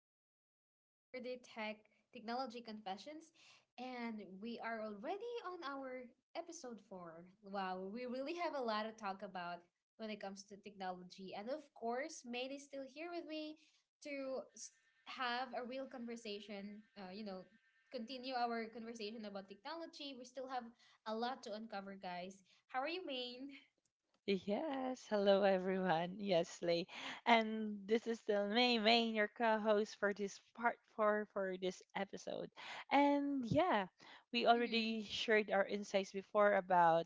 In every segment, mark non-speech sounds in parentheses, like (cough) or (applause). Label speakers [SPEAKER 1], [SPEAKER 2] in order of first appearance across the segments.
[SPEAKER 1] is still our everyday technology confessions, and we are already on our episode four. Wow, we really have a lot to talk about when it comes to technology. And of course, Maine is still here with me to have a real conversation, continue our conversation about technology. We still have a lot to uncover, guys. How are you, Maine?
[SPEAKER 2] Yes, hello everyone. Yes, Lay. And this is still May, your co-host for this part four for this episode. And yeah, we
[SPEAKER 1] Mm-hmm.
[SPEAKER 2] already shared our insights before about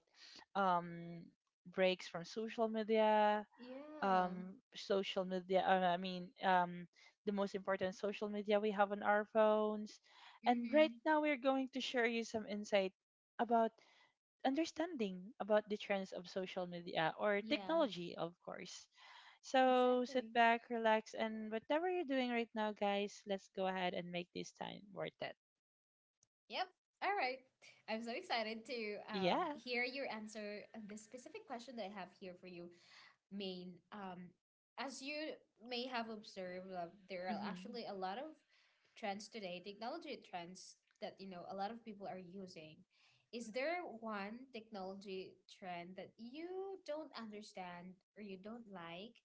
[SPEAKER 2] um breaks from
[SPEAKER 1] Yeah.
[SPEAKER 2] social media, I mean the most important social media we have on our phones. And right
[SPEAKER 1] Mm-hmm.
[SPEAKER 2] now we're going to share you some insight about understanding about the trends of social media or
[SPEAKER 1] Yeah.
[SPEAKER 2] technology, of course. So sit
[SPEAKER 1] Exactly.
[SPEAKER 2] back, relax, and whatever you're doing right now, guys, let's go ahead and make this time worth it.
[SPEAKER 1] Yep. All right. I'm so excited to
[SPEAKER 2] Yeah.
[SPEAKER 1] hear your answer on this specific question that I have here for you, Maine. As you may have observed, there are
[SPEAKER 2] hmm
[SPEAKER 1] actually a lot of trends today, technology trends that a lot of people are using. Is there one technology trend that you don't understand or you don't like,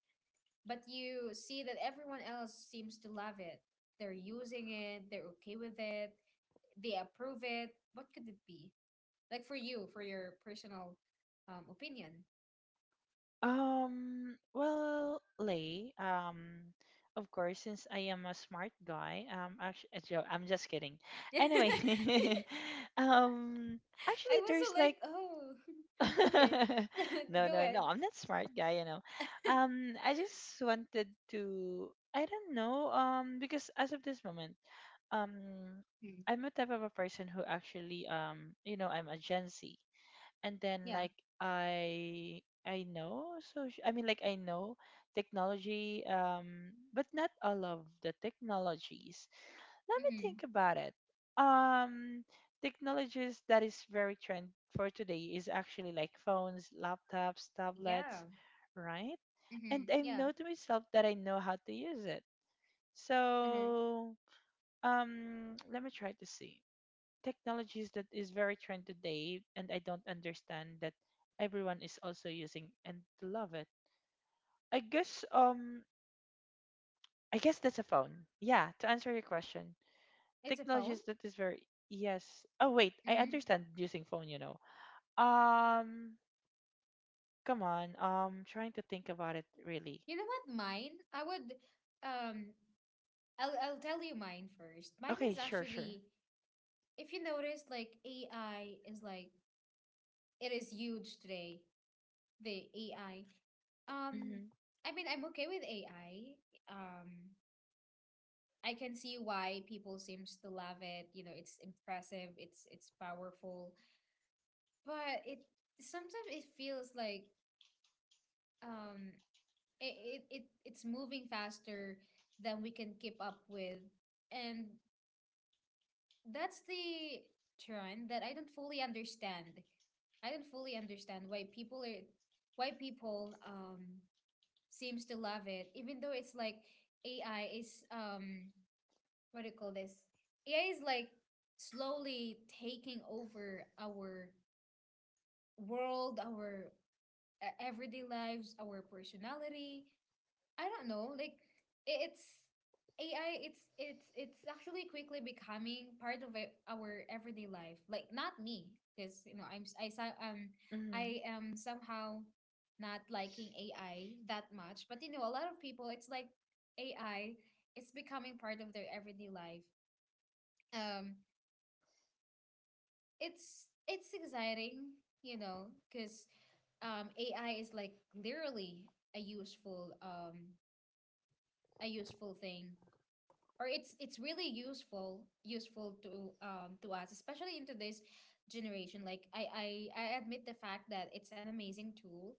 [SPEAKER 1] but you see that everyone else seems to love it? They're using it, they're okay with it. They approve it. What could it be? Like for you, for your personal opinion.
[SPEAKER 2] Well, Lay. Of course, since I am a smart guy, actually, I'm just kidding.
[SPEAKER 1] (laughs) I
[SPEAKER 2] Anyway, (laughs) um, actually,
[SPEAKER 1] was so
[SPEAKER 2] there's
[SPEAKER 1] like,
[SPEAKER 2] like
[SPEAKER 1] oh, (laughs) okay,
[SPEAKER 2] (laughs)
[SPEAKER 1] (laughs)
[SPEAKER 2] no,
[SPEAKER 1] go
[SPEAKER 2] no,
[SPEAKER 1] ahead.
[SPEAKER 2] no. I'm not smart guy, you know. I just wanted to. I don't know. Because as of this moment, um,
[SPEAKER 1] Mm.
[SPEAKER 2] I'm a type of a person who actually, you know, I'm a Gen Z, and
[SPEAKER 1] Yeah.
[SPEAKER 2] then like I know. So I mean, like I know technology. But not all of the technologies. Let me
[SPEAKER 1] Mm-hmm.
[SPEAKER 2] think about it. Um, technologies that is very trend for today is actually like phones, laptops,
[SPEAKER 1] Yeah.
[SPEAKER 2] tablets, right? And
[SPEAKER 1] Mm-hmm.
[SPEAKER 2] I
[SPEAKER 1] Yeah.
[SPEAKER 2] know to myself that I know how to use it.
[SPEAKER 1] Mm-hmm.
[SPEAKER 2] So, let me try to see technologies that is very trend today, and I don't understand that everyone is also using and love it. I guess um, I guess that's a phone. Yeah, to answer your question,
[SPEAKER 1] It's a phone.
[SPEAKER 2] technologies that is very yes. Oh wait, I
[SPEAKER 1] Mm-hmm.
[SPEAKER 2] understand using phone, you know. Um, come on. Trying to think about it really.
[SPEAKER 1] You know what? Mine. I would. Um. I'll tell you mine first. Mine
[SPEAKER 2] Okay,
[SPEAKER 1] is
[SPEAKER 2] sure, sure.
[SPEAKER 1] actually, if you notice, like AI is like it is huge today. The AI. Um,
[SPEAKER 2] Mhm.
[SPEAKER 1] I mean, I'm okay with AI. Um, I can see why people seems to love it. You know, it's impressive, it's powerful, but it sometimes it feels like um it's moving faster than we can keep up with. And that's the trend that I don't fully understand. I don't fully understand why people seems to love it, even though it's like AI is what do you call this? AI is like slowly taking over our world, our everyday lives, our personality, I don't know. Like it's AI. It's actually quickly becoming part of our everyday life. Like not me, because I'm s- I so- I
[SPEAKER 2] Mhm.
[SPEAKER 1] am somehow not liking AI that much. But a lot of people, it's like AI is becoming part of their everyday life. Um, it's exciting, because AI is like literally a useful um a useful thing, or it's really useful to us, especially in today's generation. Like I admit the fact that it's an amazing tool,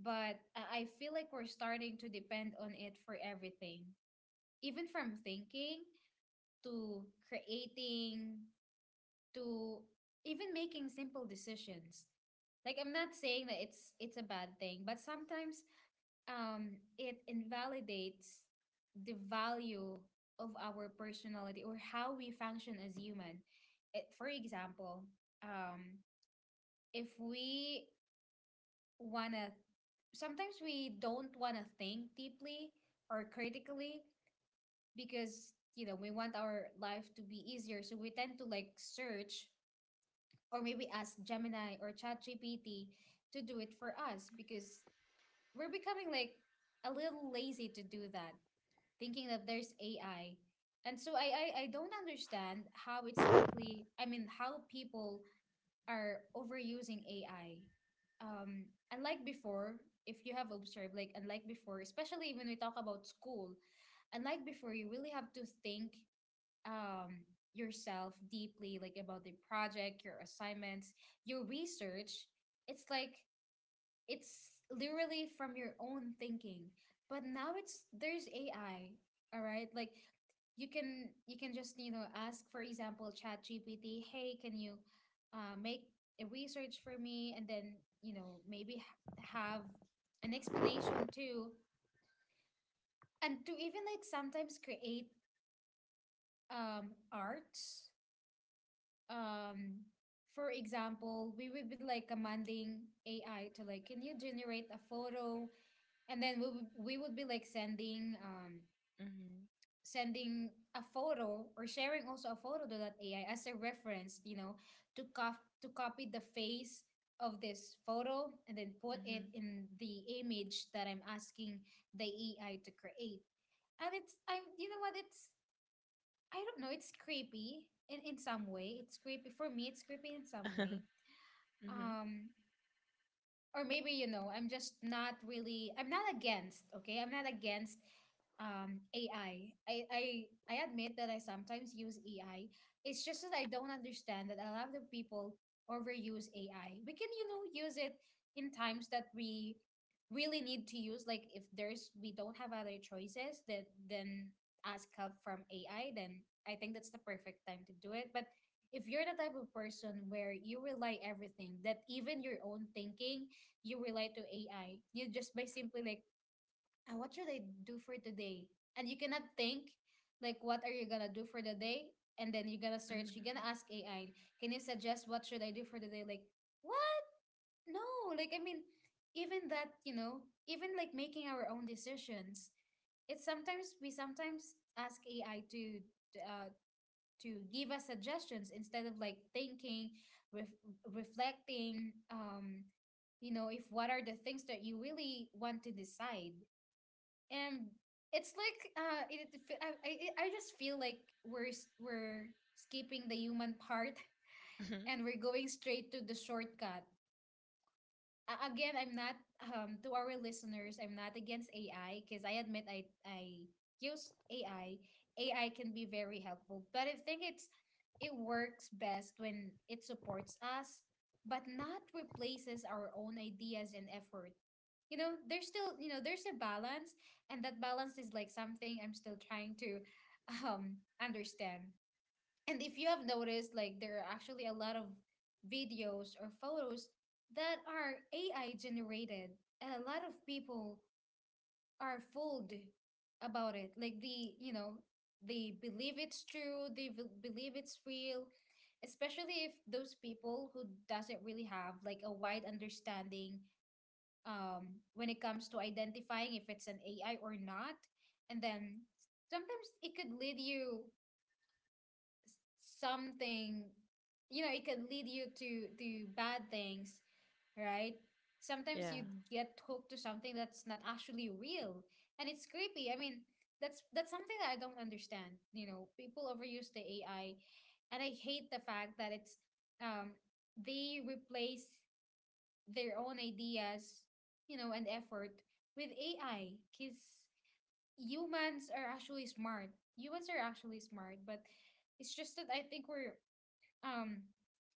[SPEAKER 1] but I feel like we're starting to depend on it for everything, even from thinking to creating to even making simple decisions. Like I'm not saying that it's a bad thing, but sometimes it invalidates the value of our personality or how we function as human. It, for example, um, if we wanna, sometimes we don't wanna think deeply or critically because we want our life to be easier, so we tend to like search or maybe ask Gemini or ChatGPT to do it for us because we're becoming like a little lazy to do that, thinking that there's AI. And so I don't understand how it's quickly I mean, how people are overusing AI. Um Unlike before, if you have observed, like unlike before, especially when we talk about school, unlike before, you really have to think um yourself deeply, like about the project, your assignments, your research. It's like it's literally from your own thinking, but now it's there's AI. All right, like you can, just ask for example ChatGPT, hey, can you make a research for me, and then maybe have an explanation too, and to even like sometimes create art, um for example, we would be like commanding AI to like, can you generate a photo, and then we would be like sending
[SPEAKER 2] Mhm.
[SPEAKER 1] sending a photo or sharing also a photo to that AI as a reference, to cop to copy the face of this photo and then put it
[SPEAKER 2] Mhm.
[SPEAKER 1] in the image that I'm asking the AI to create. And it's I'm you know what, it's I don't know, it's creepy in some way. It's creepy for me, it's creepy in some
[SPEAKER 2] (laughs)
[SPEAKER 1] way.
[SPEAKER 2] mhm.
[SPEAKER 1] Um or maybe I'm just not really, I'm not against, okay, I'm not against, AI. I admit that I sometimes use AI. It's just that I don't understand that a lot of people overuse AI. We can use it in times that we really need to use, like if there's we don't have other choices, that then ask help from AI. Then I think that's the perfect time to do it. But if you're the type of person where you rely everything, that even your own thinking you relate to AI. You just, by simply like, ah, what should I do for today? And you cannot think like what are you gonna do for the day? And then you're gonna search, you're gonna
[SPEAKER 2] Mhm.
[SPEAKER 1] ask AI, can you suggest what should I do for the day? Like, what? No, like I mean, even that, even like making our own decisions, it's sometimes we sometimes ask AI uh to give us suggestions instead of like thinking, ref reflecting, if what are the things that you really want to decide. And it's like it, it fe- I just feel like we're skipping the human part (laughs)
[SPEAKER 2] Mhm.
[SPEAKER 1] and we're going straight to the shortcut. Again, I'm not, to our listeners, I'm not against AI, because I admit I use AI. AI can be very helpful, but I think it works best when it supports us, but not replaces our own ideas and effort. You know, there's still, you know there's a balance, and that balance is like something I'm still trying to (laughs) understand. And if you have noticed, like there are actually a lot of videos or photos that are AI generated, and a lot of people are fooled about it. Like they believe it's true, they believe it's real, especially if those people who doesn't really have like a wide understanding when it comes to identifying if it's an AI or not. And then sometimes it could lead something it can lead you to bad things, right, sometimes
[SPEAKER 2] Yeah.
[SPEAKER 1] you get hooked to something that's not actually real, and it's creepy. I mean, that's something that I don't understand. People overuse the AI, and I hate the fact that it's, um they replace their own ideas, and effort with AI, because humans are actually smart, humans are actually smart, but it's just that I think we're, um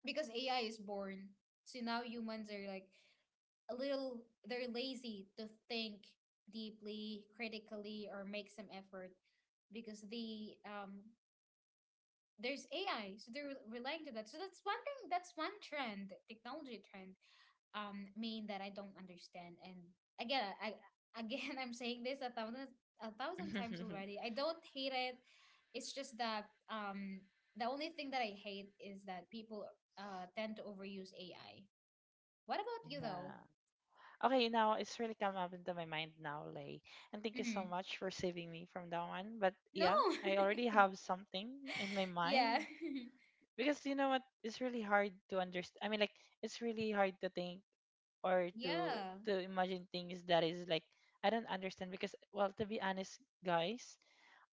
[SPEAKER 1] because AI is born. So now humans are like a little, they're lazy to think deeply, critically, or make some effort because there's AI, so they're relying to that. So that's one thing. That's one trend, technology trend, mean, that I don't understand. And again, I again, (laughs) I'm saying this, a thousand times already.
[SPEAKER 2] (laughs)
[SPEAKER 1] I don't hate it. It's just that um the only thing that I hate is that people tend to overuse AI. What about you
[SPEAKER 2] yeah.
[SPEAKER 1] though?
[SPEAKER 2] Okay, now it's really come up into my mind now, Lay. And thank you
[SPEAKER 1] Mm-hmm.
[SPEAKER 2] so much for saving me from that one. But
[SPEAKER 1] No.
[SPEAKER 2] yeah, I already have something in my
[SPEAKER 1] (laughs)
[SPEAKER 2] mind
[SPEAKER 1] Yeah.
[SPEAKER 2] because you know what, it's really hard to understand. I mean, like it's really hard to think or
[SPEAKER 1] (laughs)
[SPEAKER 2] to
[SPEAKER 1] Yeah.
[SPEAKER 2] to imagine things that is like I don't understand because, well, to be honest, guys,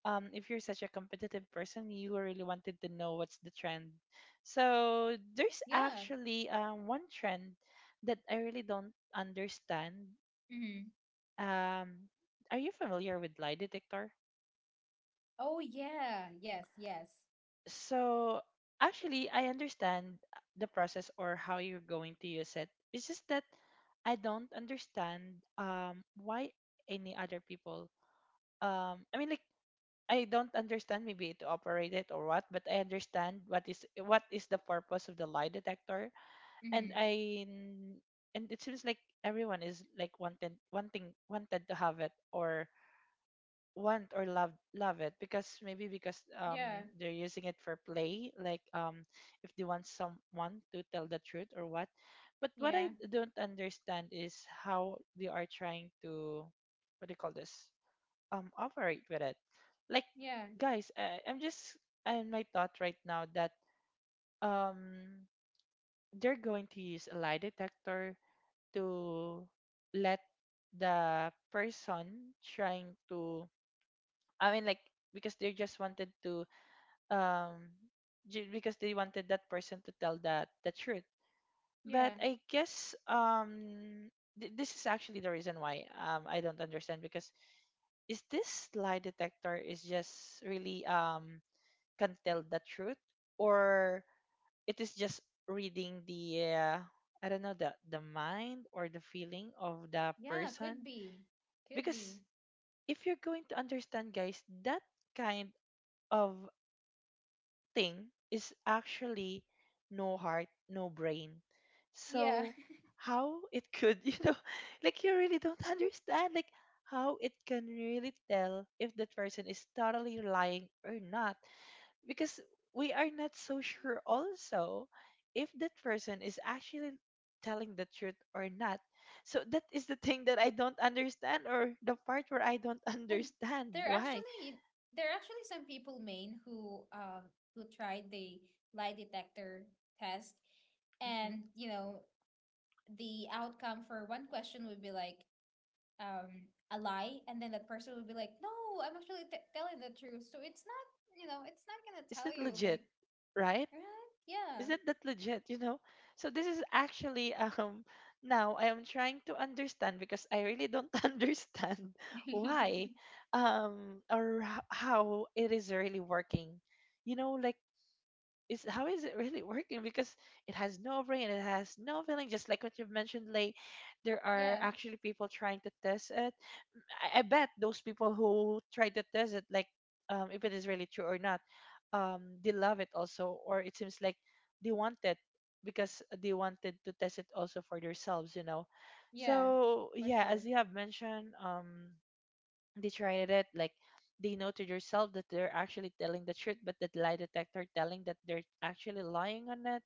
[SPEAKER 2] if you're such a competitive person, you really wanted to know what's the trend. So there's
[SPEAKER 1] Yeah.
[SPEAKER 2] actually one trend that I really don't understand.
[SPEAKER 1] Mm-hmm.
[SPEAKER 2] um are you familiar with lie detector?
[SPEAKER 1] Oh yeah. Yes. Yes.
[SPEAKER 2] So actually, I understand the process or how you're going to use it. It's just that I don't understand why any other people I mean, like I don't understand maybe to operate it or what, but I understand what is the purpose of the lie detector, and
[SPEAKER 1] Mm-hmm.
[SPEAKER 2] I n- and it seems like everyone is like wanted wanting wanted to have it or want or love love it because maybe because
[SPEAKER 1] Yeah.
[SPEAKER 2] they're using it for play, like if they want someone to tell the truth or what. But what I
[SPEAKER 1] Yeah.
[SPEAKER 2] don't understand is how they are trying to, what do you call this, operate with it, like,
[SPEAKER 1] Yeah.
[SPEAKER 2] guys, I'm just in my thought right now that um they're going to use a lie detector to let the person trying to, I mean, like, because they just wanted to, um because they wanted that person to tell that the truth. But
[SPEAKER 1] Yeah.
[SPEAKER 2] I guess this is actually the reason why I don't understand because is this lie detector is just really can tell the truth, or it is just reading the I don't know, the mind or the feeling of the
[SPEAKER 1] Yeah. Could
[SPEAKER 2] person,
[SPEAKER 1] be. Could be.
[SPEAKER 2] because if you're going to understand, guys, that kind of thing is actually no heart, no brain.
[SPEAKER 1] Yeah.
[SPEAKER 2] So
[SPEAKER 1] (laughs)
[SPEAKER 2] how it could, (laughs) you know, like you really don't understand like how it can really tell if that person is totally lying or not, because we are not so sure also if that person is actually telling the truth or not. So that is the thing that I don't understand, or the part where I don't (laughs)
[SPEAKER 1] And
[SPEAKER 2] understand
[SPEAKER 1] there
[SPEAKER 2] why.
[SPEAKER 1] actually there are actually some people, Maine, who tried the lie detector test,
[SPEAKER 2] Mhm.
[SPEAKER 1] and the outcome for one question would be like a lie, and then that person would be like, no, I'm actually t telling the truth, so it's not, it's not gonna
[SPEAKER 2] Is
[SPEAKER 1] tell
[SPEAKER 2] that
[SPEAKER 1] you,
[SPEAKER 2] legit,
[SPEAKER 1] like,
[SPEAKER 2] right?
[SPEAKER 1] right.
[SPEAKER 2] Is
[SPEAKER 1] Yeah.
[SPEAKER 2] that that legit, you know? So this is actually (laughs) now I am trying to understand because I really don't (laughs) understand why how it is really working. You know, like is how is it really (laughs) working, because it has no brain, it has no feeling, just like what you've mentioned, late, there
[SPEAKER 1] (laughs)
[SPEAKER 2] are
[SPEAKER 1] Yeah,
[SPEAKER 2] actually people trying to test it. I bet those people who try to test it, like, if it is really true or not, they love it also, or it seems like they want it because they wanted to test it also for themselves, you know.
[SPEAKER 1] yeah,
[SPEAKER 2] So
[SPEAKER 1] for
[SPEAKER 2] yeah, as
[SPEAKER 1] sure.
[SPEAKER 2] you have mentioned, they tried it like they know to themselves that they're actually telling the truth, but that lie detector telling that they're actually lying on it.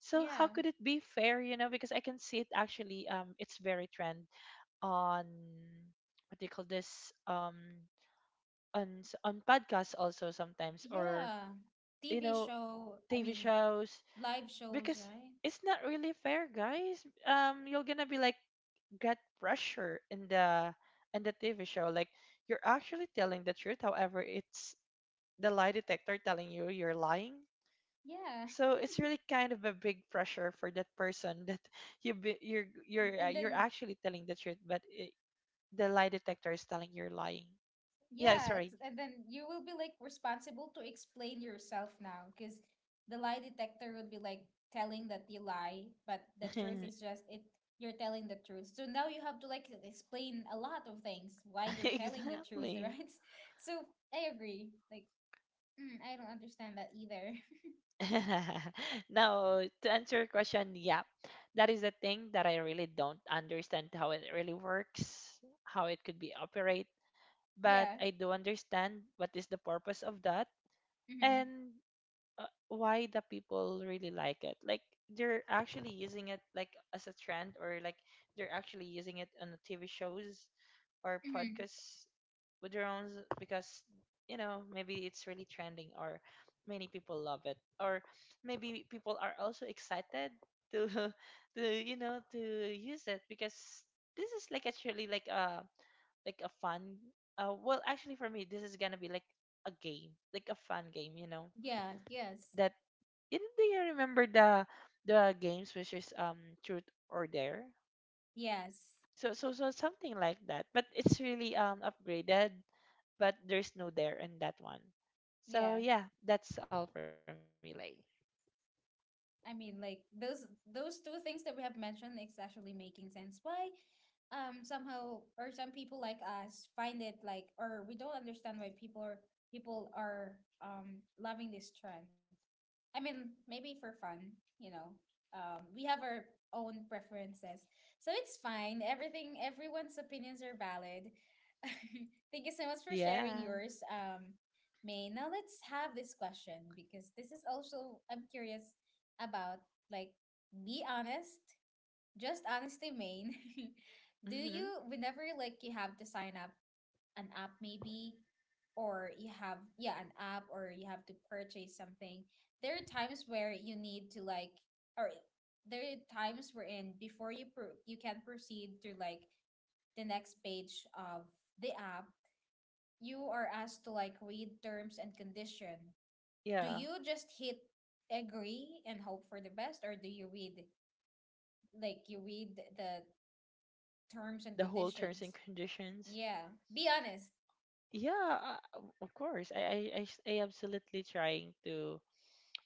[SPEAKER 2] So how
[SPEAKER 1] Yeah,
[SPEAKER 2] could it be fair, you know? Because I can see it actually, it's very trendy on what do you call this on podcasts also sometimes, or
[SPEAKER 1] yeah.
[SPEAKER 2] you
[SPEAKER 1] TV
[SPEAKER 2] know,
[SPEAKER 1] show, I
[SPEAKER 2] TV
[SPEAKER 1] mean,
[SPEAKER 2] shows,
[SPEAKER 1] live shows,
[SPEAKER 2] because
[SPEAKER 1] right.
[SPEAKER 2] it's not really fair, guys, you're gonna be like get pressure in the TV show, like you're actually telling the truth, however, it's the lie detector telling you you're lying.
[SPEAKER 1] Yeah,
[SPEAKER 2] So it's really kind of a big pressure for that person that (laughs) you be, you're
[SPEAKER 1] and
[SPEAKER 2] you're
[SPEAKER 1] then,
[SPEAKER 2] actually telling the truth, but it, the lie detector is telling you're lying. Yeah,
[SPEAKER 1] yeah,
[SPEAKER 2] sorry.
[SPEAKER 1] it's and then you will be like responsible to explain yourself now, because the lie detector would be like telling that you lie, but the truth
[SPEAKER 2] (laughs)
[SPEAKER 1] is, just, it, you're telling the truth, so now you have to like explain a lot of things why you're telling the truth. (laughs)
[SPEAKER 2] Exactly.
[SPEAKER 1] Right. So I agree, like, mm, I don't understand that either.
[SPEAKER 2] (laughs) Now, to answer your question, yeah, that is the thing that I really don't understand how it really works, how it could be operate, but
[SPEAKER 1] (laughs) Yeah.
[SPEAKER 2] I do understand what is the purpose of that,
[SPEAKER 1] Mm-hmm.
[SPEAKER 2] and why the people really like it. Like they're actually using it like as a trend, or like they're actually using it on the TV shows or
[SPEAKER 1] Mm-hmm.
[SPEAKER 2] podcasts with their own s- because you know maybe it's really trending, or many people love it, or maybe people are also excited to (laughs) to, you know, to use it, because this is like actually like a fun, well, actually for me this is gonna be like a game, like a fun game, you know,
[SPEAKER 1] Yeah. Yes.
[SPEAKER 2] that you know, do you remember the games which is truth or dare?
[SPEAKER 1] Yes.
[SPEAKER 2] So so so something like that. But it's really upgraded, but there's no there in that one. So
[SPEAKER 1] Yeah.
[SPEAKER 2] yeah, that's all for me, like.
[SPEAKER 1] I mean, like those two things that we have mentioned, it's actually making sense. Why, somehow, or some people like us find it like, or we don't understand why people are, people are loving this trend. I mean, maybe for fun, you know. We have our own preferences, so it's fine. Everything, everyone's opinions are valid. (laughs) Thank you so much for sharing
[SPEAKER 2] Yeah.
[SPEAKER 1] yours, May. Now let's have this question, because this is also, I'm curious about, like, be honest, just honesty, Main. (laughs) Do you,
[SPEAKER 2] Mhm.
[SPEAKER 1] whenever like you have to sign up an app maybe, or you have, yeah, an app, or you have to purchase something, there are times where you need to, like, or there are times wherein before you you can proceed to, like, the next page of the app, you are asked to, like, read terms and condition. Do
[SPEAKER 2] Yeah.
[SPEAKER 1] you just hit agree and hope for the best, or do you read, like, you read the terms and
[SPEAKER 2] The whole terms and
[SPEAKER 1] conditions?
[SPEAKER 2] conditions.
[SPEAKER 1] Yeah. Be honest.
[SPEAKER 2] Yeah, of course. I absolutely trying to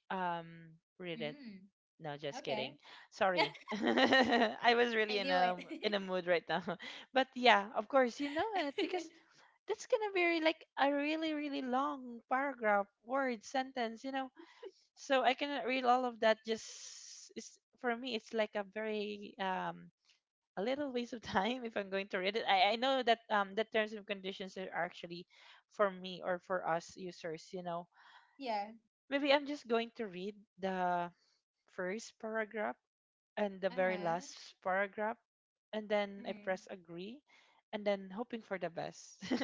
[SPEAKER 2] read it.
[SPEAKER 1] Mm,
[SPEAKER 2] No, just kidding.
[SPEAKER 1] okay.
[SPEAKER 2] Sorry.
[SPEAKER 1] (laughs)
[SPEAKER 2] (laughs) I was really
[SPEAKER 1] I
[SPEAKER 2] in
[SPEAKER 1] knew
[SPEAKER 2] a in
[SPEAKER 1] it.
[SPEAKER 2] a mood right now. (laughs) But yeah, of course, you know it because
[SPEAKER 1] (laughs)
[SPEAKER 2] that's gonna be like a really really long paragraph word sentence, you know, so I cannot read all of that. Just it's, for me it's like a very a little waste of (laughs) time if I'm going to read it. I know that the terms and conditions are actually for me or for us users, you know,
[SPEAKER 1] Yeah.
[SPEAKER 2] maybe I'm just going to read the first paragraph and the very
[SPEAKER 1] Uh-huh.
[SPEAKER 2] last paragraph, and then I
[SPEAKER 1] Mhm.
[SPEAKER 2] press agree and then hoping for the best. (laughs)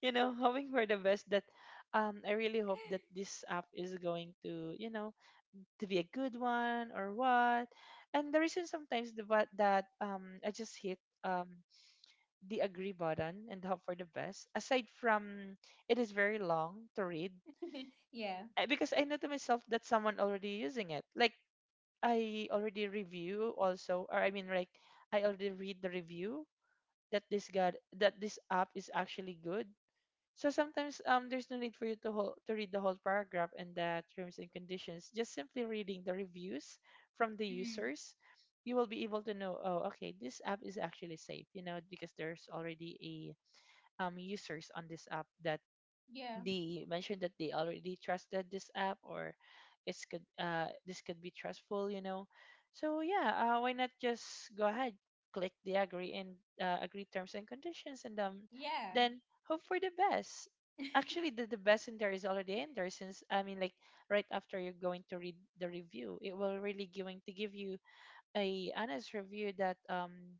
[SPEAKER 2] You know, hoping for the best that I really hope that
[SPEAKER 1] (laughs)
[SPEAKER 2] this app is going to, you know, to be a good one or what. And the reason sometimes the but that I just hit um the agree button and hope for the best. Aside from it is very long to read,
[SPEAKER 1] Yeah.
[SPEAKER 2] I- because I know to myself that someone already using it. Like I already review also, or I mean, like I already read the review that this god that this app is actually good. So sometimes there's no need for you to whole, to read the whole paragraph and the terms and conditions. Just simply reading the reviews from the
[SPEAKER 1] Mhm.
[SPEAKER 2] users, you will be able to know. Oh, okay, this app is actually safe. You know because there's already a users on this app that
[SPEAKER 1] Yeah.
[SPEAKER 2] they mentioned that they already trusted this app or it's could this could be trustful, you know. So yeah, why not just go ahead, click the agree and agree terms and conditions, and
[SPEAKER 1] Yeah.
[SPEAKER 2] then hope for the best. Actually
[SPEAKER 1] (laughs)
[SPEAKER 2] the best in there is already in there, since I mean like right after you're going to read the review, it will really going to give you a honest review that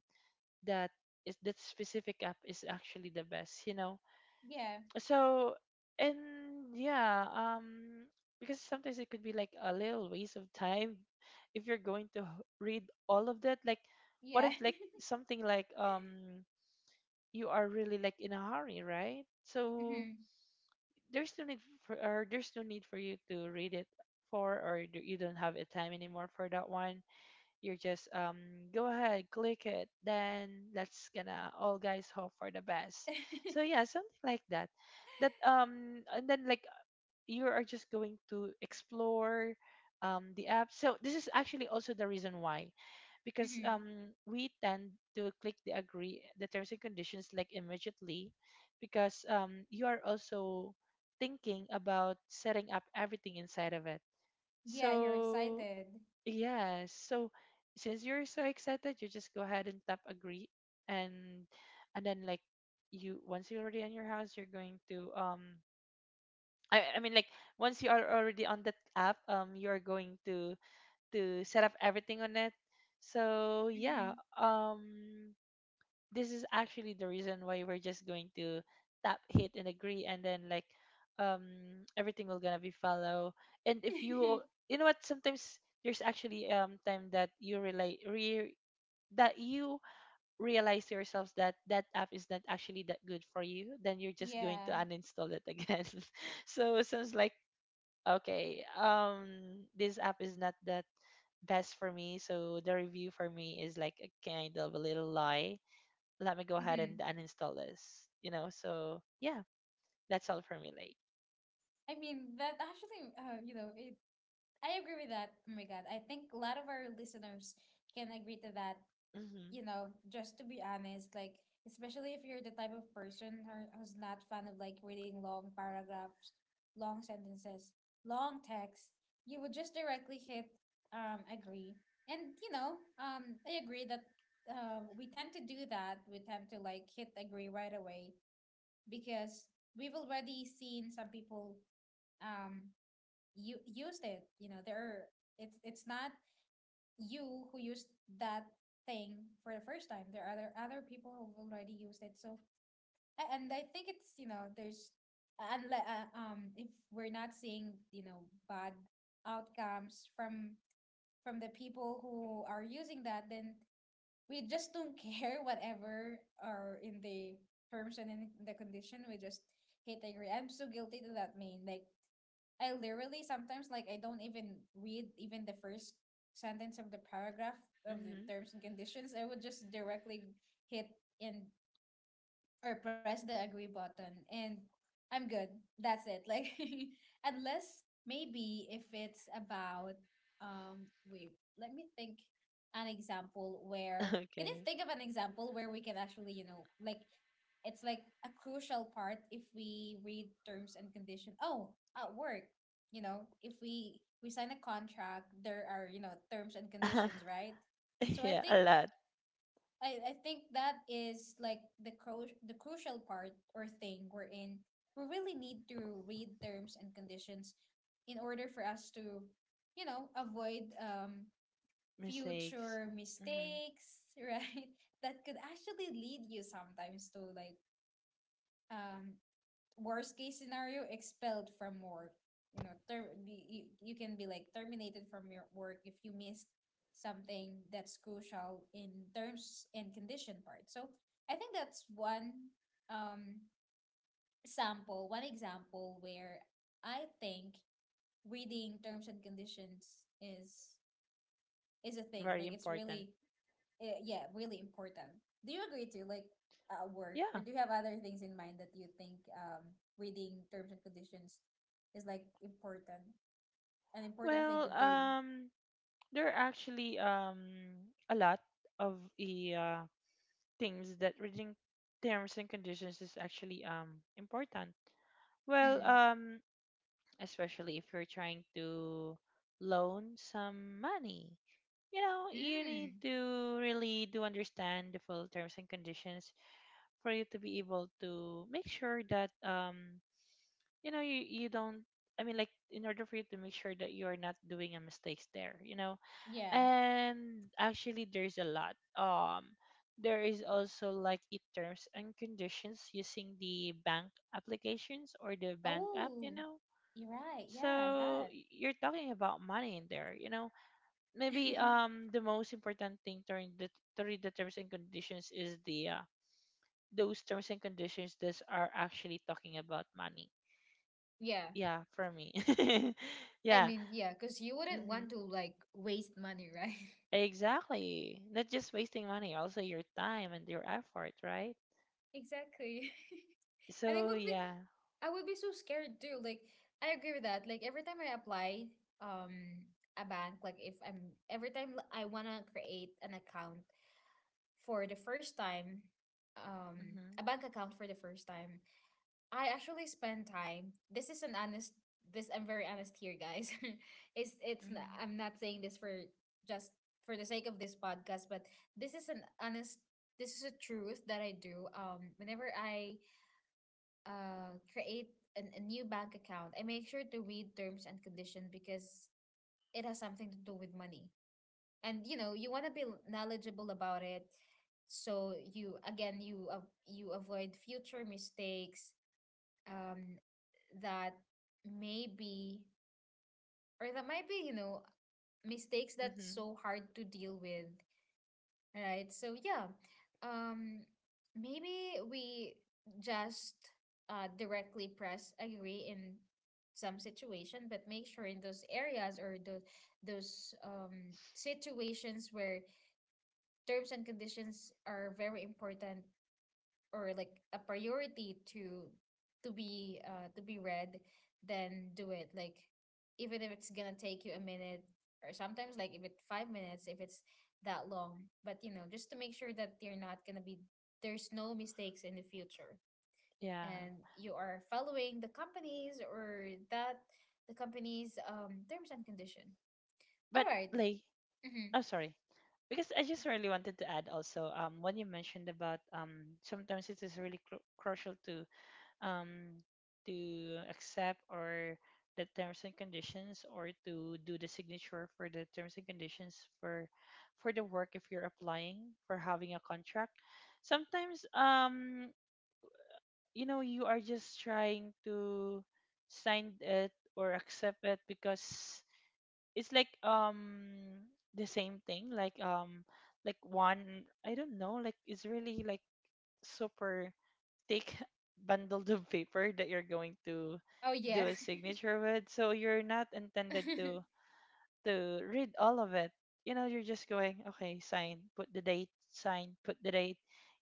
[SPEAKER 2] that is that specific app is actually the best, you know.
[SPEAKER 1] Yeah.
[SPEAKER 2] So and yeah, because sometimes it could be like a little waste of time if you're going to read all of that. Like, what
[SPEAKER 1] Yeah.
[SPEAKER 2] if like
[SPEAKER 1] (laughs)
[SPEAKER 2] something like you are really like in a hurry, right? So
[SPEAKER 1] Mhm.
[SPEAKER 2] there's no need for or there's no need for you to read it for or you don't have a time anymore for that one. You're just go ahead, click it, then let's gonna all guys hope for the best. So yeah, something like that. That and then like you are just going to explore the app. So this is actually also the reason why because
[SPEAKER 1] Mhm.
[SPEAKER 2] we tend to click the agree the terms and conditions like immediately because you are also thinking about setting up everything inside of it
[SPEAKER 1] Yeah, you're
[SPEAKER 2] so
[SPEAKER 1] excited.
[SPEAKER 2] yes. So since you're so excited, you just go ahead and tap agree and then like you once you're already in your house, you're going to um. I mean like once you are already on that app, you're going to set up everything on it. So yeah,
[SPEAKER 1] Mhm.
[SPEAKER 2] this is actually the reason why we're just going to tap hit and agree and then like um everything will gonna be follow and if you
[SPEAKER 1] (laughs)
[SPEAKER 2] you know what sometimes there's actually time that that you realize to yourselves that that app is not actually that good for you then you're just going to
[SPEAKER 1] Yeah.
[SPEAKER 2] uninstall it again. (laughs) So it sounds like okay, this app is not that best for me, so the review for me is like a kind of a little lie. Let me go ahead and
[SPEAKER 1] Mhm.
[SPEAKER 2] uninstall this. You know, so yeah, that's all for me, Lake.
[SPEAKER 1] I mean, that, actually, you know, I agree with that. Oh my God. I think a lot of our listeners can agree to that,
[SPEAKER 2] Mhm.
[SPEAKER 1] you know, just to be honest, like, especially if you're the type of person who's not fan of like reading long paragraphs, long sentences, long text, you would just directly hit agree. And I agree that, we tend to do that. We tend to like hit agree right away because we've already seen some people, um you used it. You know, there are, it's not you who used that thing for the first time. There are other people who've already used it. So, and I think it's, you know, there's, and if we're not seeing, you know, bad outcomes from the people who are using that, then we just don't (laughs) care whatever are in the terms and in the condition. We just hit agree. I'm so guilty to that. Mean like, I literally sometimes, like, I don't even read even the first sentence of the paragraph of the
[SPEAKER 2] Mhm.
[SPEAKER 1] terms and conditions. I would just directly hit in or press the agree button, and I'm good. That's it. Like, (laughs) unless maybe if it's about, wait, let me think, an example,
[SPEAKER 2] (laughs)
[SPEAKER 1] where, can you
[SPEAKER 2] Okay.
[SPEAKER 1] think of an example where we can actually, you know, like, it's like a crucial part if we read terms and condition? Oh, at work, you know, if we sign a contract, there are, you know, terms and conditions,
[SPEAKER 2] (laughs)
[SPEAKER 1] right? So I
[SPEAKER 2] Yeah,
[SPEAKER 1] think,
[SPEAKER 2] a lot.
[SPEAKER 1] I think that is like the the crucial part or thing we're in. We really need to read terms and conditions in order for us to, you know, avoid,
[SPEAKER 2] Mistakes.
[SPEAKER 1] future
[SPEAKER 2] Mhm.
[SPEAKER 1] mistakes, (laughs) right? That could actually lead you sometimes to like, um worst case scenario, expelled from work, you know, you, you can be like terminated from your work if you missed something that's crucial in terms and condition part. So I think that's one, um sample, one example where I think reading terms and conditions is a thing,
[SPEAKER 2] Very
[SPEAKER 1] like it's
[SPEAKER 2] important.
[SPEAKER 1] really, yeah, really important. Do you agree to like at work, or
[SPEAKER 2] Yeah.
[SPEAKER 1] do you have other things in mind that you think, reading terms and conditions is like important, an important thing to
[SPEAKER 2] Well,
[SPEAKER 1] do?
[SPEAKER 2] there are actually a lot of the things that reading terms and conditions is actually important. Well,
[SPEAKER 1] Mm.
[SPEAKER 2] especially if you're trying to loan some money. You know, you need
[SPEAKER 1] Mm.
[SPEAKER 2] to really do understand the full terms and conditions for you to be able to make sure that you know you don't, I mean like, in order for you to make sure that you're not doing a mistakes there, you know.
[SPEAKER 1] Yeah.
[SPEAKER 2] And actually there's a lot. There is also like it terms and conditions using the bank applications or the bank app,
[SPEAKER 1] Oh,
[SPEAKER 2] you know,
[SPEAKER 1] you're right. Yeah,
[SPEAKER 2] so
[SPEAKER 1] that.
[SPEAKER 2] you're talking about money in there, you know. Maybe
[SPEAKER 1] (laughs)
[SPEAKER 2] the most important thing to read to read the terms and conditions is the those terms and conditions that are actually talking about money.
[SPEAKER 1] Yeah.
[SPEAKER 2] Yeah, for me. (laughs)
[SPEAKER 1] I
[SPEAKER 2] Yeah.
[SPEAKER 1] mean, yeah, because you wouldn't
[SPEAKER 2] Hmm.
[SPEAKER 1] want to like waste money, right? (laughs)
[SPEAKER 2] Exactly. Not just wasting money, also your time and your effort, right?
[SPEAKER 1] Exactly. (laughs) And it
[SPEAKER 2] So
[SPEAKER 1] would be,
[SPEAKER 2] yeah.
[SPEAKER 1] I would be so scared too. Like, I agree with that. Like every time I apply, um a bank, like if I'm every time, I wanna create an account for the first time,
[SPEAKER 2] Mhm.
[SPEAKER 1] a bank account for the first time, I actually spend time. This is an honest, this I'm very honest here, guys. (laughs) It's not,
[SPEAKER 2] Mhm.
[SPEAKER 1] I'm not saying this for just for the sake of this podcast, but this is an honest, this is a truth that I do. Um, whenever I, create an, a new bank account, I make sure to read terms and conditions because it has something to do with money. And you know, you want to be knowledgeable about it, so you, again, you, you avoid future mistakes, um, that maybe, or that might be, you know, mistakes that's
[SPEAKER 2] Mhm.
[SPEAKER 1] so hard to deal with. Right. So yeah, um, maybe we just, directly press agree in some situation, but make sure in those areas or those situations where terms and conditions are very important, or like a priority to be read, then do it, like, even if it's gonna take you a minute, or sometimes like if it's 5 minutes, if it's that long, but you know just to make sure that you're not gonna be, there's no mistakes in the future,
[SPEAKER 2] Yeah.
[SPEAKER 1] and you are following the companies or that the company's, terms and condition. All
[SPEAKER 2] But
[SPEAKER 1] right.
[SPEAKER 2] like,
[SPEAKER 1] Mm-hmm.
[SPEAKER 2] I'm sorry. Because I just really wanted to add also when you mentioned about sometimes it is really crucial um to accept or the terms and conditions or to do the signature for the terms and conditions for the work if you're applying for having a contract. Sometimes you know you are just trying to sign it or accept it because it's like the same thing like one, I don't know, like it's really like super thick (laughs) bundle of paper that you're going to
[SPEAKER 1] Oh
[SPEAKER 2] do
[SPEAKER 1] yeah.
[SPEAKER 2] a signature with, so you're not intended to
[SPEAKER 1] (laughs)
[SPEAKER 2] read all of it. You know, you're just going okay, sign, put the date, sign, put the date,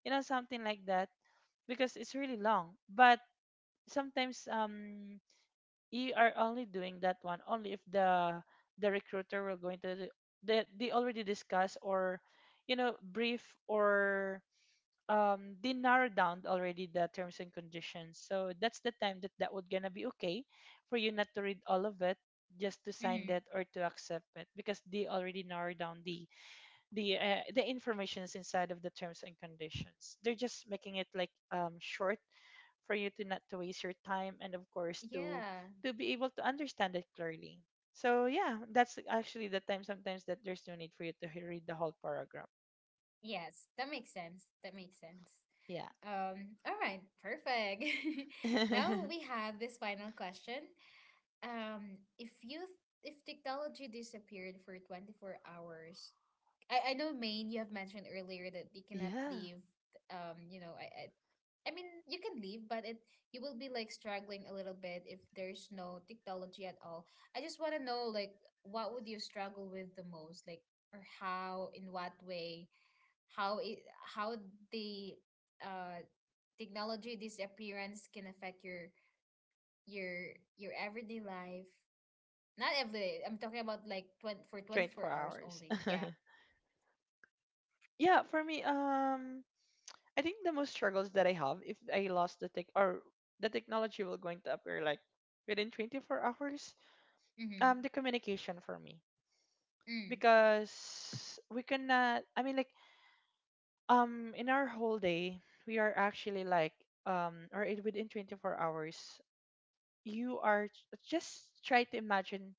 [SPEAKER 2] you know, something like that, because it's really long. But sometimes you are only doing that one only if the recruiter will going to they already discuss or you know brief or they narrow down already the terms and conditions, so that's the time that that would gonna be okay for you not to read all of it, just to sign
[SPEAKER 1] Mm-hmm.
[SPEAKER 2] that or to accept it, because they already narrow down the informations inside of the terms and conditions. They're just making it like short for you to not to waste your time and of course to
[SPEAKER 1] Yeah.
[SPEAKER 2] be able to understand it clearly. So yeah, that's actually the time sometimes that there's no need for you to read the whole paragraph.
[SPEAKER 1] Yes, that makes sense, that makes sense.
[SPEAKER 2] Yeah.
[SPEAKER 1] All right, perfect.
[SPEAKER 2] (laughs)
[SPEAKER 1] (laughs)
[SPEAKER 2] Yeah.
[SPEAKER 1] Now we have this final question. If you, if technology disappeared for 24 hours, I know Maine, you have mentioned earlier that you cannot leave. You know, I I mean you can leave, but it, you will be like struggling a little bit if there's no technology at all. I just want to know, like, what would you struggle with the most, like, or how, in what way, how it
[SPEAKER 2] Hmm.
[SPEAKER 1] how the, uh technology this appearance can affect your your your everyday life, not everyday, I'm talking about like 20, for 24
[SPEAKER 2] 24
[SPEAKER 1] hours
[SPEAKER 2] hours.
[SPEAKER 1] only.
[SPEAKER 2] (laughs)
[SPEAKER 1] Yeah.
[SPEAKER 2] Yeah, for me, I think the most struggles that I have if I lost the tech or the technology will going to appear like within 24 hours,
[SPEAKER 1] Mm-hmm.
[SPEAKER 2] the communication for me,
[SPEAKER 1] Mm,
[SPEAKER 2] because we cannot. I mean, like, in our whole day, we are actually like, or it, within 24 hours, you are just try to imagine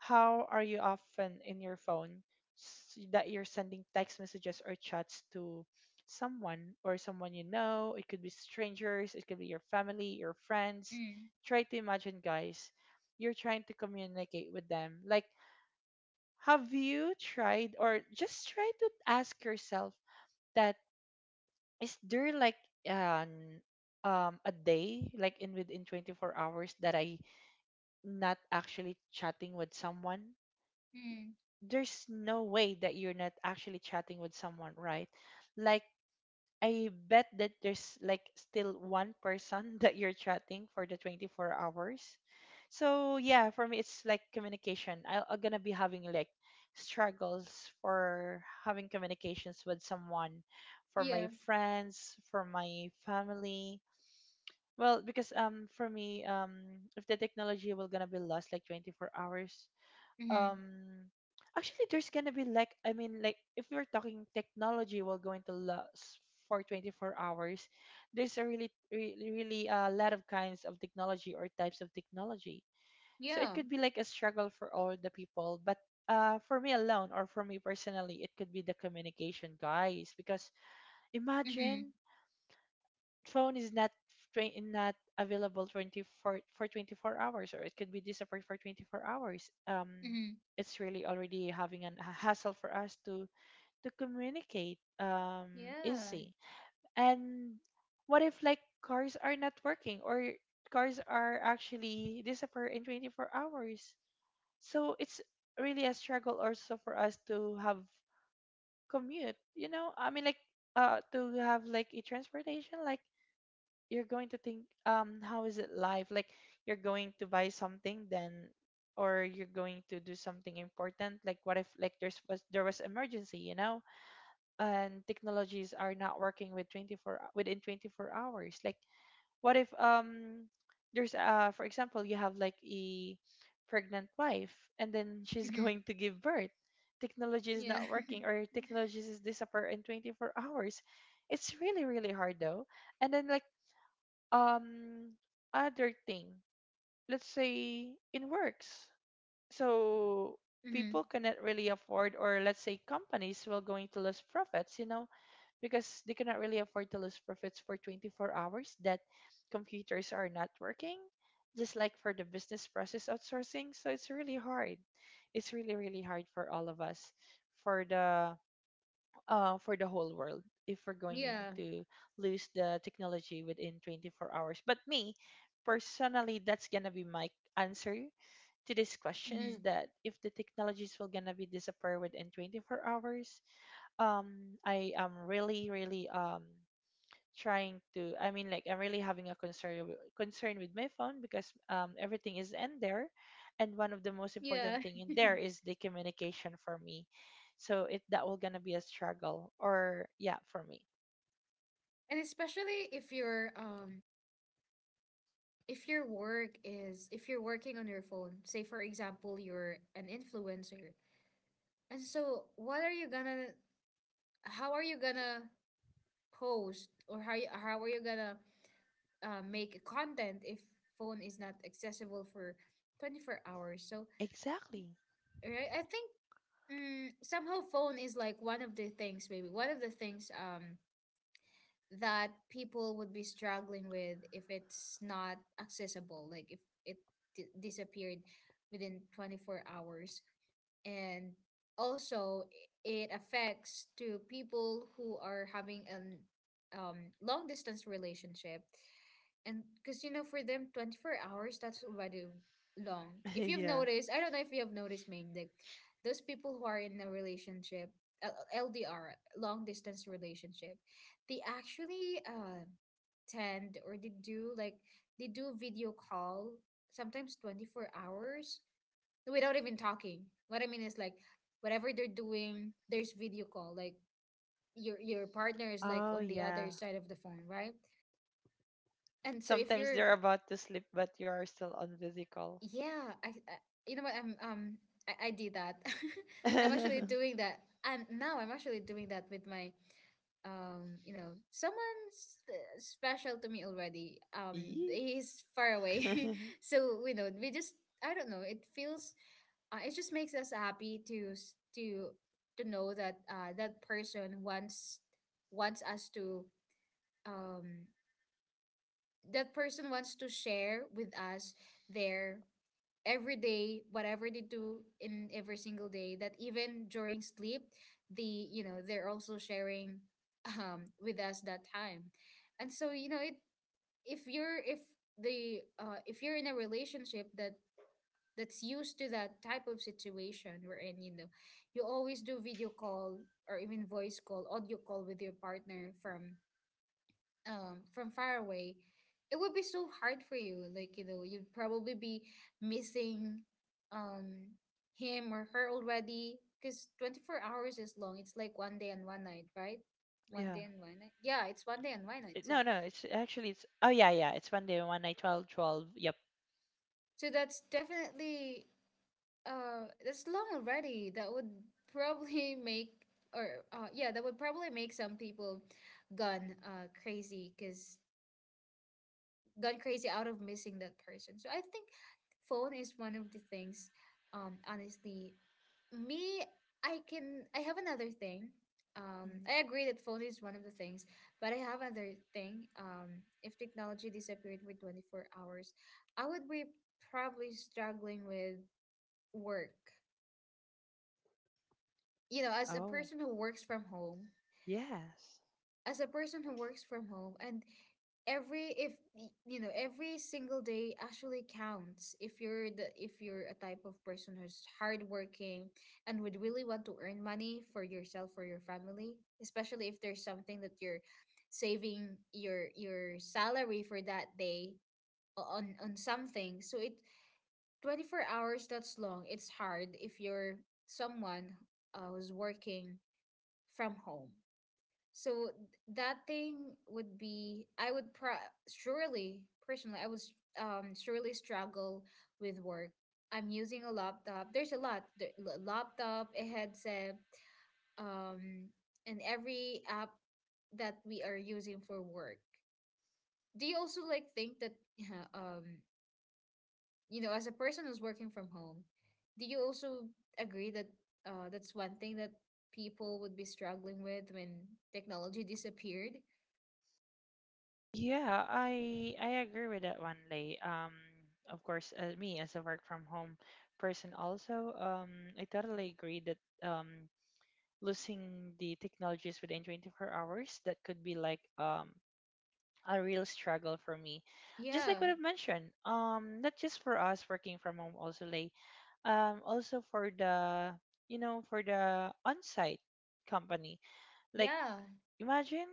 [SPEAKER 2] how are you often in your phone that you're sending text messages or chats to someone or someone you know. It could be strangers, it could be your family, your friends.
[SPEAKER 1] mm,
[SPEAKER 2] Try to imagine, guys, you're trying to communicate with them. Like, have you tried or just try to ask yourself that is there like an a day like in within 24 hours that I not actually chatting with someone.
[SPEAKER 1] mm.
[SPEAKER 2] There's no way that you're not actually chatting with someone, right? Like, I bet that there's like still one person (laughs) that you're chatting for the 24 hours. So yeah, for me it's like communication. I'm gonna be having like struggles for having communications with someone, for my
[SPEAKER 1] Yeah.
[SPEAKER 2] friends, for my family. Well, because for me if the technology will gonna be lost like 24 hours,
[SPEAKER 1] Mm-hmm.
[SPEAKER 2] um actually there's gonna be like, I mean like, if we're talking technology will going to last for 24 hours, there's a really really, really a lot of kinds of technology or types of technology, so it
[SPEAKER 1] Yeah.
[SPEAKER 2] could be like a struggle for all the people. But for me alone or for me personally it could be the communication, guys, because
[SPEAKER 1] Mm-hmm.
[SPEAKER 2] imagine phone is not not available 24 for 24 hours or it could be disappeared for 24 hours.
[SPEAKER 1] Mm-hmm.
[SPEAKER 2] It's really already having an, a hassle for us to communicate
[SPEAKER 1] Yeah.
[SPEAKER 2] easy. And what if like cars are not working or cars are actually disappear in 24 hours? So it's really a struggle also for us to have commute, you know, I mean like to have like a transportation. Like, you're going to think how is it life like, you're going to buy something then, or you're going to do something important. Like, what if like there was emergency, you know, and technologies are not working with 24 within 24 hours? Like, what if there's for example you have like a pregnant wife and then she's (laughs)
[SPEAKER 1] Mm-hmm.
[SPEAKER 2] going to give birth, technology is
[SPEAKER 1] Yeah.
[SPEAKER 2] not working
[SPEAKER 1] (laughs)
[SPEAKER 2] or technologies is disappear in 24 hours. It's really really hard though. And then like um other thing, let's say in works. So
[SPEAKER 1] Mm-hmm.
[SPEAKER 2] people cannot really afford, or let's say companies will going to lose profits, you know, because they cannot really afford to lose profits for 24 hours that computers are not working, just like for the business process outsourcing. So it's really hard. It's really really hard for all of us, for the for the whole world, if we're going
[SPEAKER 1] Yeah.
[SPEAKER 2] to lose the technology within 24 hours. But me, personally, that's gonna be my answer to these questions.
[SPEAKER 1] Mm-hmm.
[SPEAKER 2] That if the technologies will gonna be disappear within 24 hours, I am really, really trying to, I mean like I'm really having a concern with my phone because everything is in there, and one of the most
[SPEAKER 1] Yeah.
[SPEAKER 2] important thing in there is the communication for me. So it that will gonna be a struggle or yeah for me.
[SPEAKER 1] (laughs) And especially if your, if your work is, if you're working on your phone, say for example you're an influencer, and so, what are you gonna, how are you gonna post, or how you, how are you gonna, make content if phone is not accessible for 24 hours? So,
[SPEAKER 2] Exactly.
[SPEAKER 1] right, I think, mm, somehow phone is like one of the things, maybe one of the things, that people would be struggling with if it's not accessible, like if it, disappeared within 24 hours. And also, it affects to people who are having an, long distance relationship. And because you know for them 24 hours that's already long. If you've
[SPEAKER 2] (laughs) Yeah.
[SPEAKER 1] noticed, I don't know if you have noticed mainly those people who are in a relationship, uh, LDR, long distance relationship, they actually, tend or they do, like, they do
[SPEAKER 2] Hmm.
[SPEAKER 1] video call sometimes 24 hours without even talking. What I mean is, like, whatever they're doing, there's video call. Like, your partner is like
[SPEAKER 2] Oh
[SPEAKER 1] on the other
[SPEAKER 2] yeah,
[SPEAKER 1] side of the phone, right? And so if
[SPEAKER 2] sometimes
[SPEAKER 1] you're,
[SPEAKER 2] they're about to sleep but you are still on video call.
[SPEAKER 1] yeah, I you know what, I did that. (laughs) I'm actually
[SPEAKER 2] (laughs)
[SPEAKER 1] doing that, and now I'm actually doing that with my, you know, someone, special to me already.
[SPEAKER 2] Yee.
[SPEAKER 1] He's far away,
[SPEAKER 2] (laughs)
[SPEAKER 1] (laughs) so, you know, we just, I don't know. It feels, it just makes us happy to, to know that, that person wants, wants us to, um that person wants to share with us their every day whatever they do in every single day, that even during sleep, the, you know, they're also sharing (laughs) with us that time. And so, you know, it, if you're, if the, if you're in a relationship that that's used to that type of situation wherein, you know, you always do video call or even voice call, audio call with your partner from, from far away, it would be so hard for you. Like, you know, you'd probably be missing, um him or her already because 24 hours is long. It's like one day and one night, right? One
[SPEAKER 2] Yeah.
[SPEAKER 1] day and one night. Yeah, it's one day and one night.
[SPEAKER 2] It-
[SPEAKER 1] So,
[SPEAKER 2] no no it's actually it's oh yeah yeah it's 1 day one night twelve. Yep.
[SPEAKER 1] so that's definitely, that's long already. That would (laughs) probably make, or, yeah, that would probably make some people gone, crazy because got crazy out of missing that person. So I think phone is one of the things. Honestly, me, I can. I have another thing.
[SPEAKER 2] Mhm.
[SPEAKER 1] I agree that phone is one of the things, but I have another thing. If technology disappeared for 24 hours, I would be probably struggling with work. You know, as a
[SPEAKER 2] Oh,
[SPEAKER 1] person who works from home,
[SPEAKER 2] yes.
[SPEAKER 1] as a person who works from home and every if, you know every single day actually counts if you're the, if you're a type of person who's hardworking and would really want to earn money for yourself or your family, especially if there's something that you're saving your salary for that day on something, so it, 24 hours, that's long. It's hard if you're someone, who's working from home. So that thing would be, I would pro surely, personally, I would, surely struggle with work. I'm using a laptop. There's a lot. The, laptop, a headset, um, and every app that we are using for work. Do you also like think that (laughs) um as a person who's working from home, do you also agree that that's one thing that people would be struggling with when technology disappeared?
[SPEAKER 2] Yeah, I agree with that one, Lay. Of course, me as a work from home person also, I totally agree that losing the technologies within 24 hours, that could be like a real struggle for me. Just like
[SPEAKER 1] Yeah,
[SPEAKER 2] what I've mentioned, not just for us working from home also, Lay, also for the, you know, for the on-site company. Like,
[SPEAKER 1] yeah,
[SPEAKER 2] imagine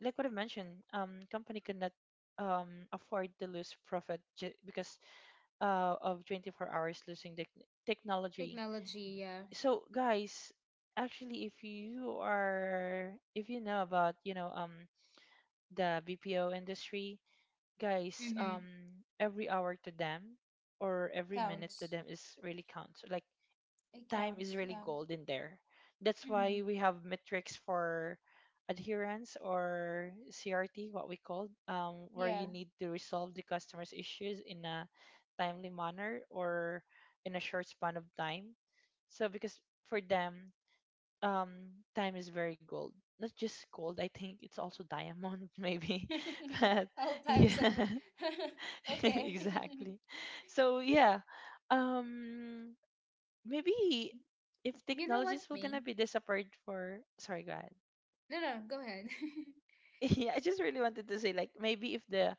[SPEAKER 2] like what I mentioned, company could not afford to lose profit because of 24 hours losing the technology.
[SPEAKER 1] technology, yeah.
[SPEAKER 2] So guys, actually, if you are, if you know about, you know, the BPO industry, guys,
[SPEAKER 1] Mm-hmm.
[SPEAKER 2] every hour to them or every minute to
[SPEAKER 1] Counts.
[SPEAKER 2] them is really counts. Like,
[SPEAKER 1] It
[SPEAKER 2] time
[SPEAKER 1] counts.
[SPEAKER 2] is really
[SPEAKER 1] Yeah.
[SPEAKER 2] gold in there. That's why
[SPEAKER 1] Mm-hmm.
[SPEAKER 2] we have metrics for adherence or CRT, what we call, where
[SPEAKER 1] Yeah.
[SPEAKER 2] you need to resolve the customer's issues in a timely manner or in a short span of time. So because for them, um, time is very gold. Not just gold, I think it's also diamond, (laughs) maybe. (laughs) But
[SPEAKER 1] (laughs) All types of.
[SPEAKER 2] yeah,
[SPEAKER 1] (laughs)
[SPEAKER 2] (laughs)
[SPEAKER 1] Okay. (laughs)
[SPEAKER 2] exactly. So yeah, um, maybe if
[SPEAKER 1] You know what,
[SPEAKER 2] technologies were gonna
[SPEAKER 1] mean?
[SPEAKER 2] be disappeared for sorry god.
[SPEAKER 1] No, no, go ahead. (laughs)
[SPEAKER 2] (laughs) Yeah, I just really wanted to say like maybe if the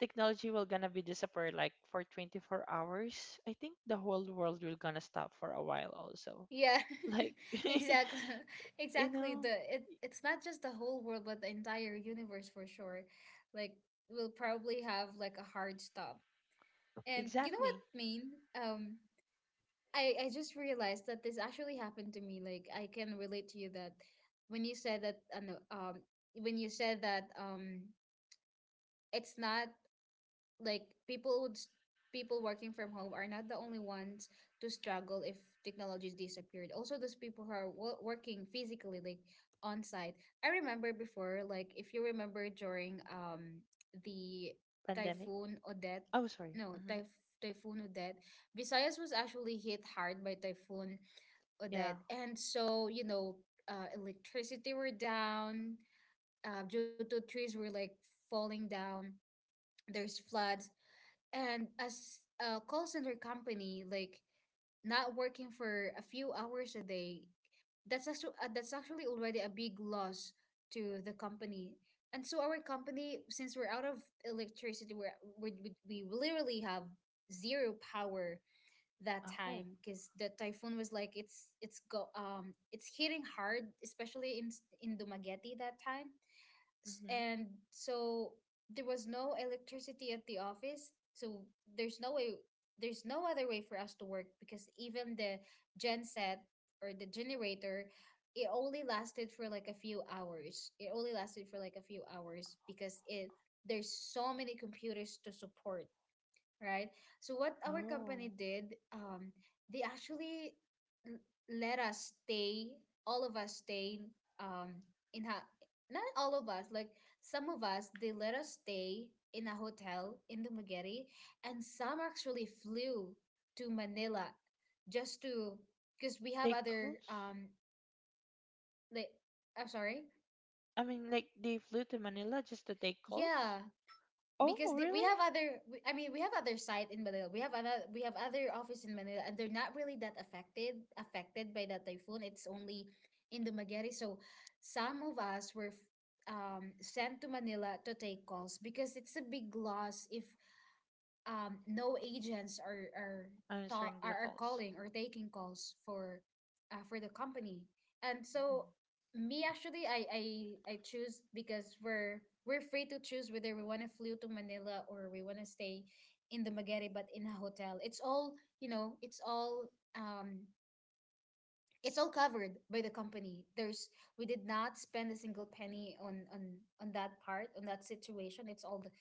[SPEAKER 2] technology will gonna be disappeared like for 24 hours, I think the whole world will gonna stop for a while also,
[SPEAKER 1] Yeah,
[SPEAKER 2] like
[SPEAKER 1] (laughs) exactly. (laughs)
[SPEAKER 2] (laughs) you
[SPEAKER 1] Exactly.
[SPEAKER 2] know,
[SPEAKER 1] The it it's not just the whole world, but the entire universe for sure. Like we'll probably have like a hard stop. And you know what,
[SPEAKER 2] exactly.
[SPEAKER 1] mean? I just realized that this actually happened to me. Like I can relate to you that when you said that no, when you said that it's not like people working from home are not the only ones to struggle if technologies disappeared. Also those people who are working physically, like on site. I remember before, like if you remember, during the
[SPEAKER 2] Pandemic.
[SPEAKER 1] typhoon Odette,
[SPEAKER 2] Oh sorry.
[SPEAKER 1] no,
[SPEAKER 2] Mm-hmm.
[SPEAKER 1] typhoon Odette. Visayas was actually hit hard by typhoon
[SPEAKER 2] Yeah.
[SPEAKER 1] Odette, and so, electricity were down due to trees were like falling down. There's floods, and as a call center company, like not working for a few hours a day, that's actually already a big loss to the company. And so our company, since we're out of electricity, we're, we literally have zero power that
[SPEAKER 2] Oh.
[SPEAKER 1] time because the typhoon was like it's hitting hard, especially in Dumaguete that time. S-
[SPEAKER 2] mm-hmm.
[SPEAKER 1] and so there was no electricity at the office, so there's no way, there's no other way for us to work because even the genset or the generator, it only lasted for like a few hours, it only lasted for like a few hours because it there's so many computers to support, right? So what our company
[SPEAKER 2] Oh.
[SPEAKER 1] did, they actually l- let us stay, all of us stay, um, in a, not all of us, like some of us, they let us stay in a hotel in Dumaguete, and some actually flew to Manila just to, because we have
[SPEAKER 2] Take
[SPEAKER 1] other,
[SPEAKER 2] calls.
[SPEAKER 1] like, I'm sorry,
[SPEAKER 2] I mean like they flew to Manila just to take calls.
[SPEAKER 1] yeah, because
[SPEAKER 2] Oh
[SPEAKER 1] we
[SPEAKER 2] really.
[SPEAKER 1] have other I mean we have other site in Manila, we have other office in Manila, and they're not really that affected by that typhoon. It's only in Dumaguete. So some of us were sent to Manila to take calls because it's a big loss if no agents are, ta-
[SPEAKER 2] Answering the
[SPEAKER 1] are
[SPEAKER 2] calls.
[SPEAKER 1] calling or taking calls for the company. And so
[SPEAKER 2] Mm-hmm.
[SPEAKER 1] me, actually, I choose because we're free to choose whether we want to flew to Manila or we want to stay in the Magere but in a hotel. It's all you know. It's all um it's all covered by the company. There's We did not spend a single penny on that part, on that situation. it's all the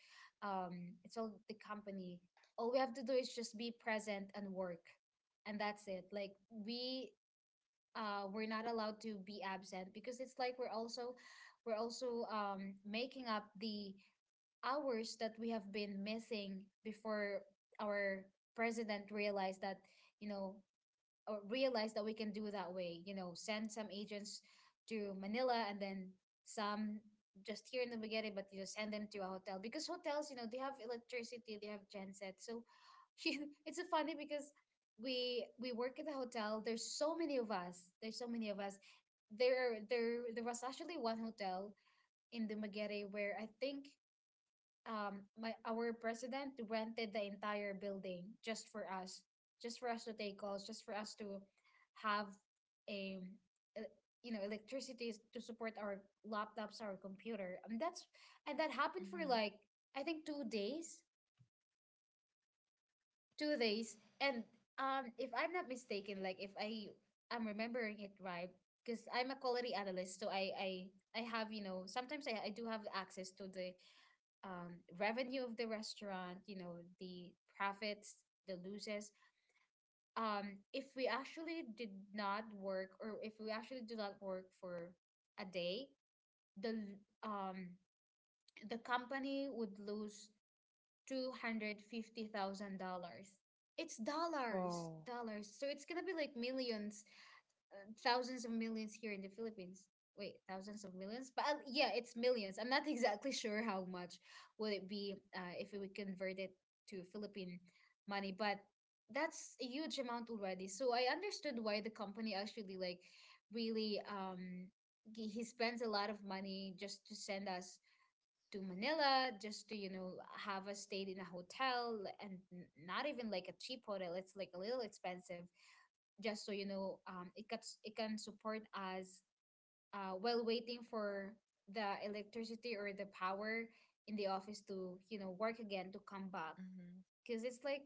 [SPEAKER 1] um it's all the company. All we have to do is just be present and work, and that's it. Like, we're not allowed to be absent because it's like we're also making up the hours that we have been missing before our president realized that, you know or realize that we can do that way. You know, send some agents to Manila and then some just here in the beginning, but you just send them to a hotel because hotels, they have electricity, they have genset. So (laughs) it's so funny because we work at the hotel. There's so many of us. There's so many of us. There was actually one hotel in the Magere where I think my our president rented the entire building just for us, just for us to take calls, just for us to have a, uh, electricity to support our laptops, our computer. And that happened for
[SPEAKER 2] Mm-hmm.
[SPEAKER 1] like I think two days and if I'm not mistaken, like if I I'm remembering it right. Because I'm a quality analyst, so I have, sometimes I do have access to the, revenue of the restaurant, the profits, the losses. If we actually did not work, or if we actually do not work for a day, the l- um, the company would lose $250,000. It's dollars,
[SPEAKER 2] Oh.
[SPEAKER 1] dollars. So it's gonna be like millions, thousands of millions here in the Philippines. Wait, thousands of millions? But yeah, it's millions. I'm not (laughs) exactly sure how much would it be if we convert it to Philippine money, but that's a huge amount already. So I understood why the company actually, like, really he spends a lot of money just to send us to Manila, just to, you know, have us stayed in a hotel and not even like a cheap hotel. It's like a little expensive, just so you know, it can support us while waiting for the electricity or the power in the office to work again, to come back,
[SPEAKER 2] Mm-hmm.
[SPEAKER 1] because it's like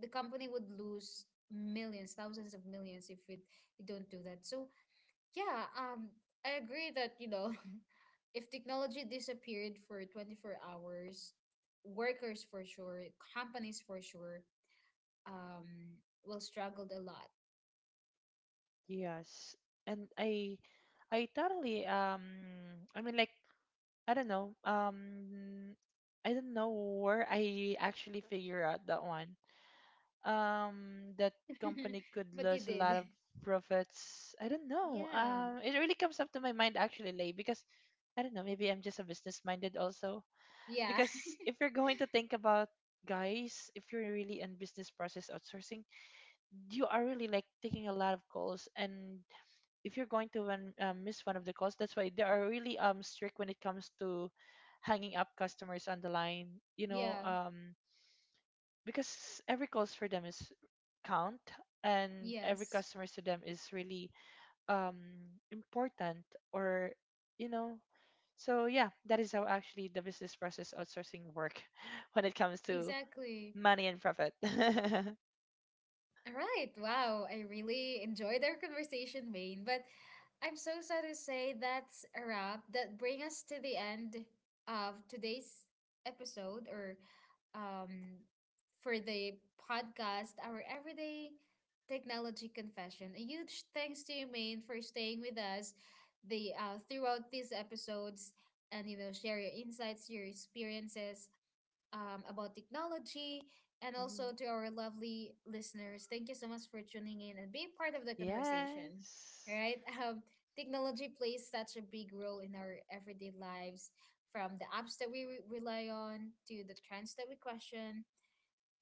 [SPEAKER 1] the company would lose millions, thousands of millions if we don't do that. So yeah, I agree that, (laughs) if technology disappeared for 24 hours, workers for sure, companies for sure, um, will struggled a lot.
[SPEAKER 2] Yes. And I totally I mean like I don't know. I don't know where I actually figure out that one. That
[SPEAKER 1] (laughs)
[SPEAKER 2] company could
[SPEAKER 1] But you
[SPEAKER 2] lose a
[SPEAKER 1] did.
[SPEAKER 2] lot of profits. I don't know.
[SPEAKER 1] Yeah.
[SPEAKER 2] It really comes up to my mind actually like because I don't know, maybe I'm just a business minded also.
[SPEAKER 1] Yeah. (laughs)
[SPEAKER 2] Because if you're going to think about, guys, if you're really in business process outsourcing, you are really like taking a lot of calls, and if you're going to win, miss one of the calls, that's why they are really strict when it comes to hanging up customers on the line, you know,
[SPEAKER 1] Yeah.
[SPEAKER 2] because every calls for them is count and every
[SPEAKER 1] Yes.
[SPEAKER 2] customers to them is really um important or you know. So yeah, that is how actually the business process outsourcing work (laughs) when it comes to
[SPEAKER 1] Exactly.
[SPEAKER 2] money and profit. (laughs)
[SPEAKER 1] All right. Wow. I really enjoyed our conversation, Maine. But I'm so sad to say that's a wrap. That bring us to the end of today's episode, or um for the podcast, our everyday technology confession. A huge thanks to you, Maine, for staying with us the throughout these episodes, and share your insights, your experiences, about technology, and also
[SPEAKER 2] Mhm.
[SPEAKER 1] to our lovely listeners. Thank you so much for tuning in and being part of the conversation. All
[SPEAKER 2] Yes.
[SPEAKER 1] right. (laughs) Um, Technology plays such a big role in our everyday lives, from the apps that we rely on, to the trends that we question,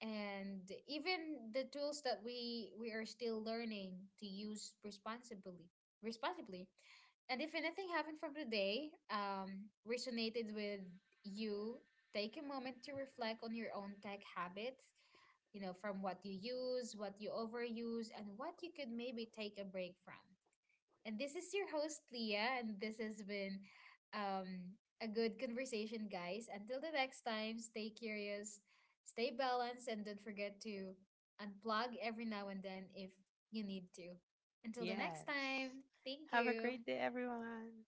[SPEAKER 1] and even the tools that we are still learning to use responsibly and if anything happened from today resonated with you, take a moment to reflect on your own tech habits, from what you use, what you overuse, and what you could maybe take a break from. And this is your host, Leah, and this has been, um, a good conversation, guys. Until the next time, stay curious, stay balanced, and don't forget to unplug every now and then if you need to. Until the next
[SPEAKER 2] Yes.
[SPEAKER 1] time, thank
[SPEAKER 2] Have a
[SPEAKER 1] you.
[SPEAKER 2] great day, everyone.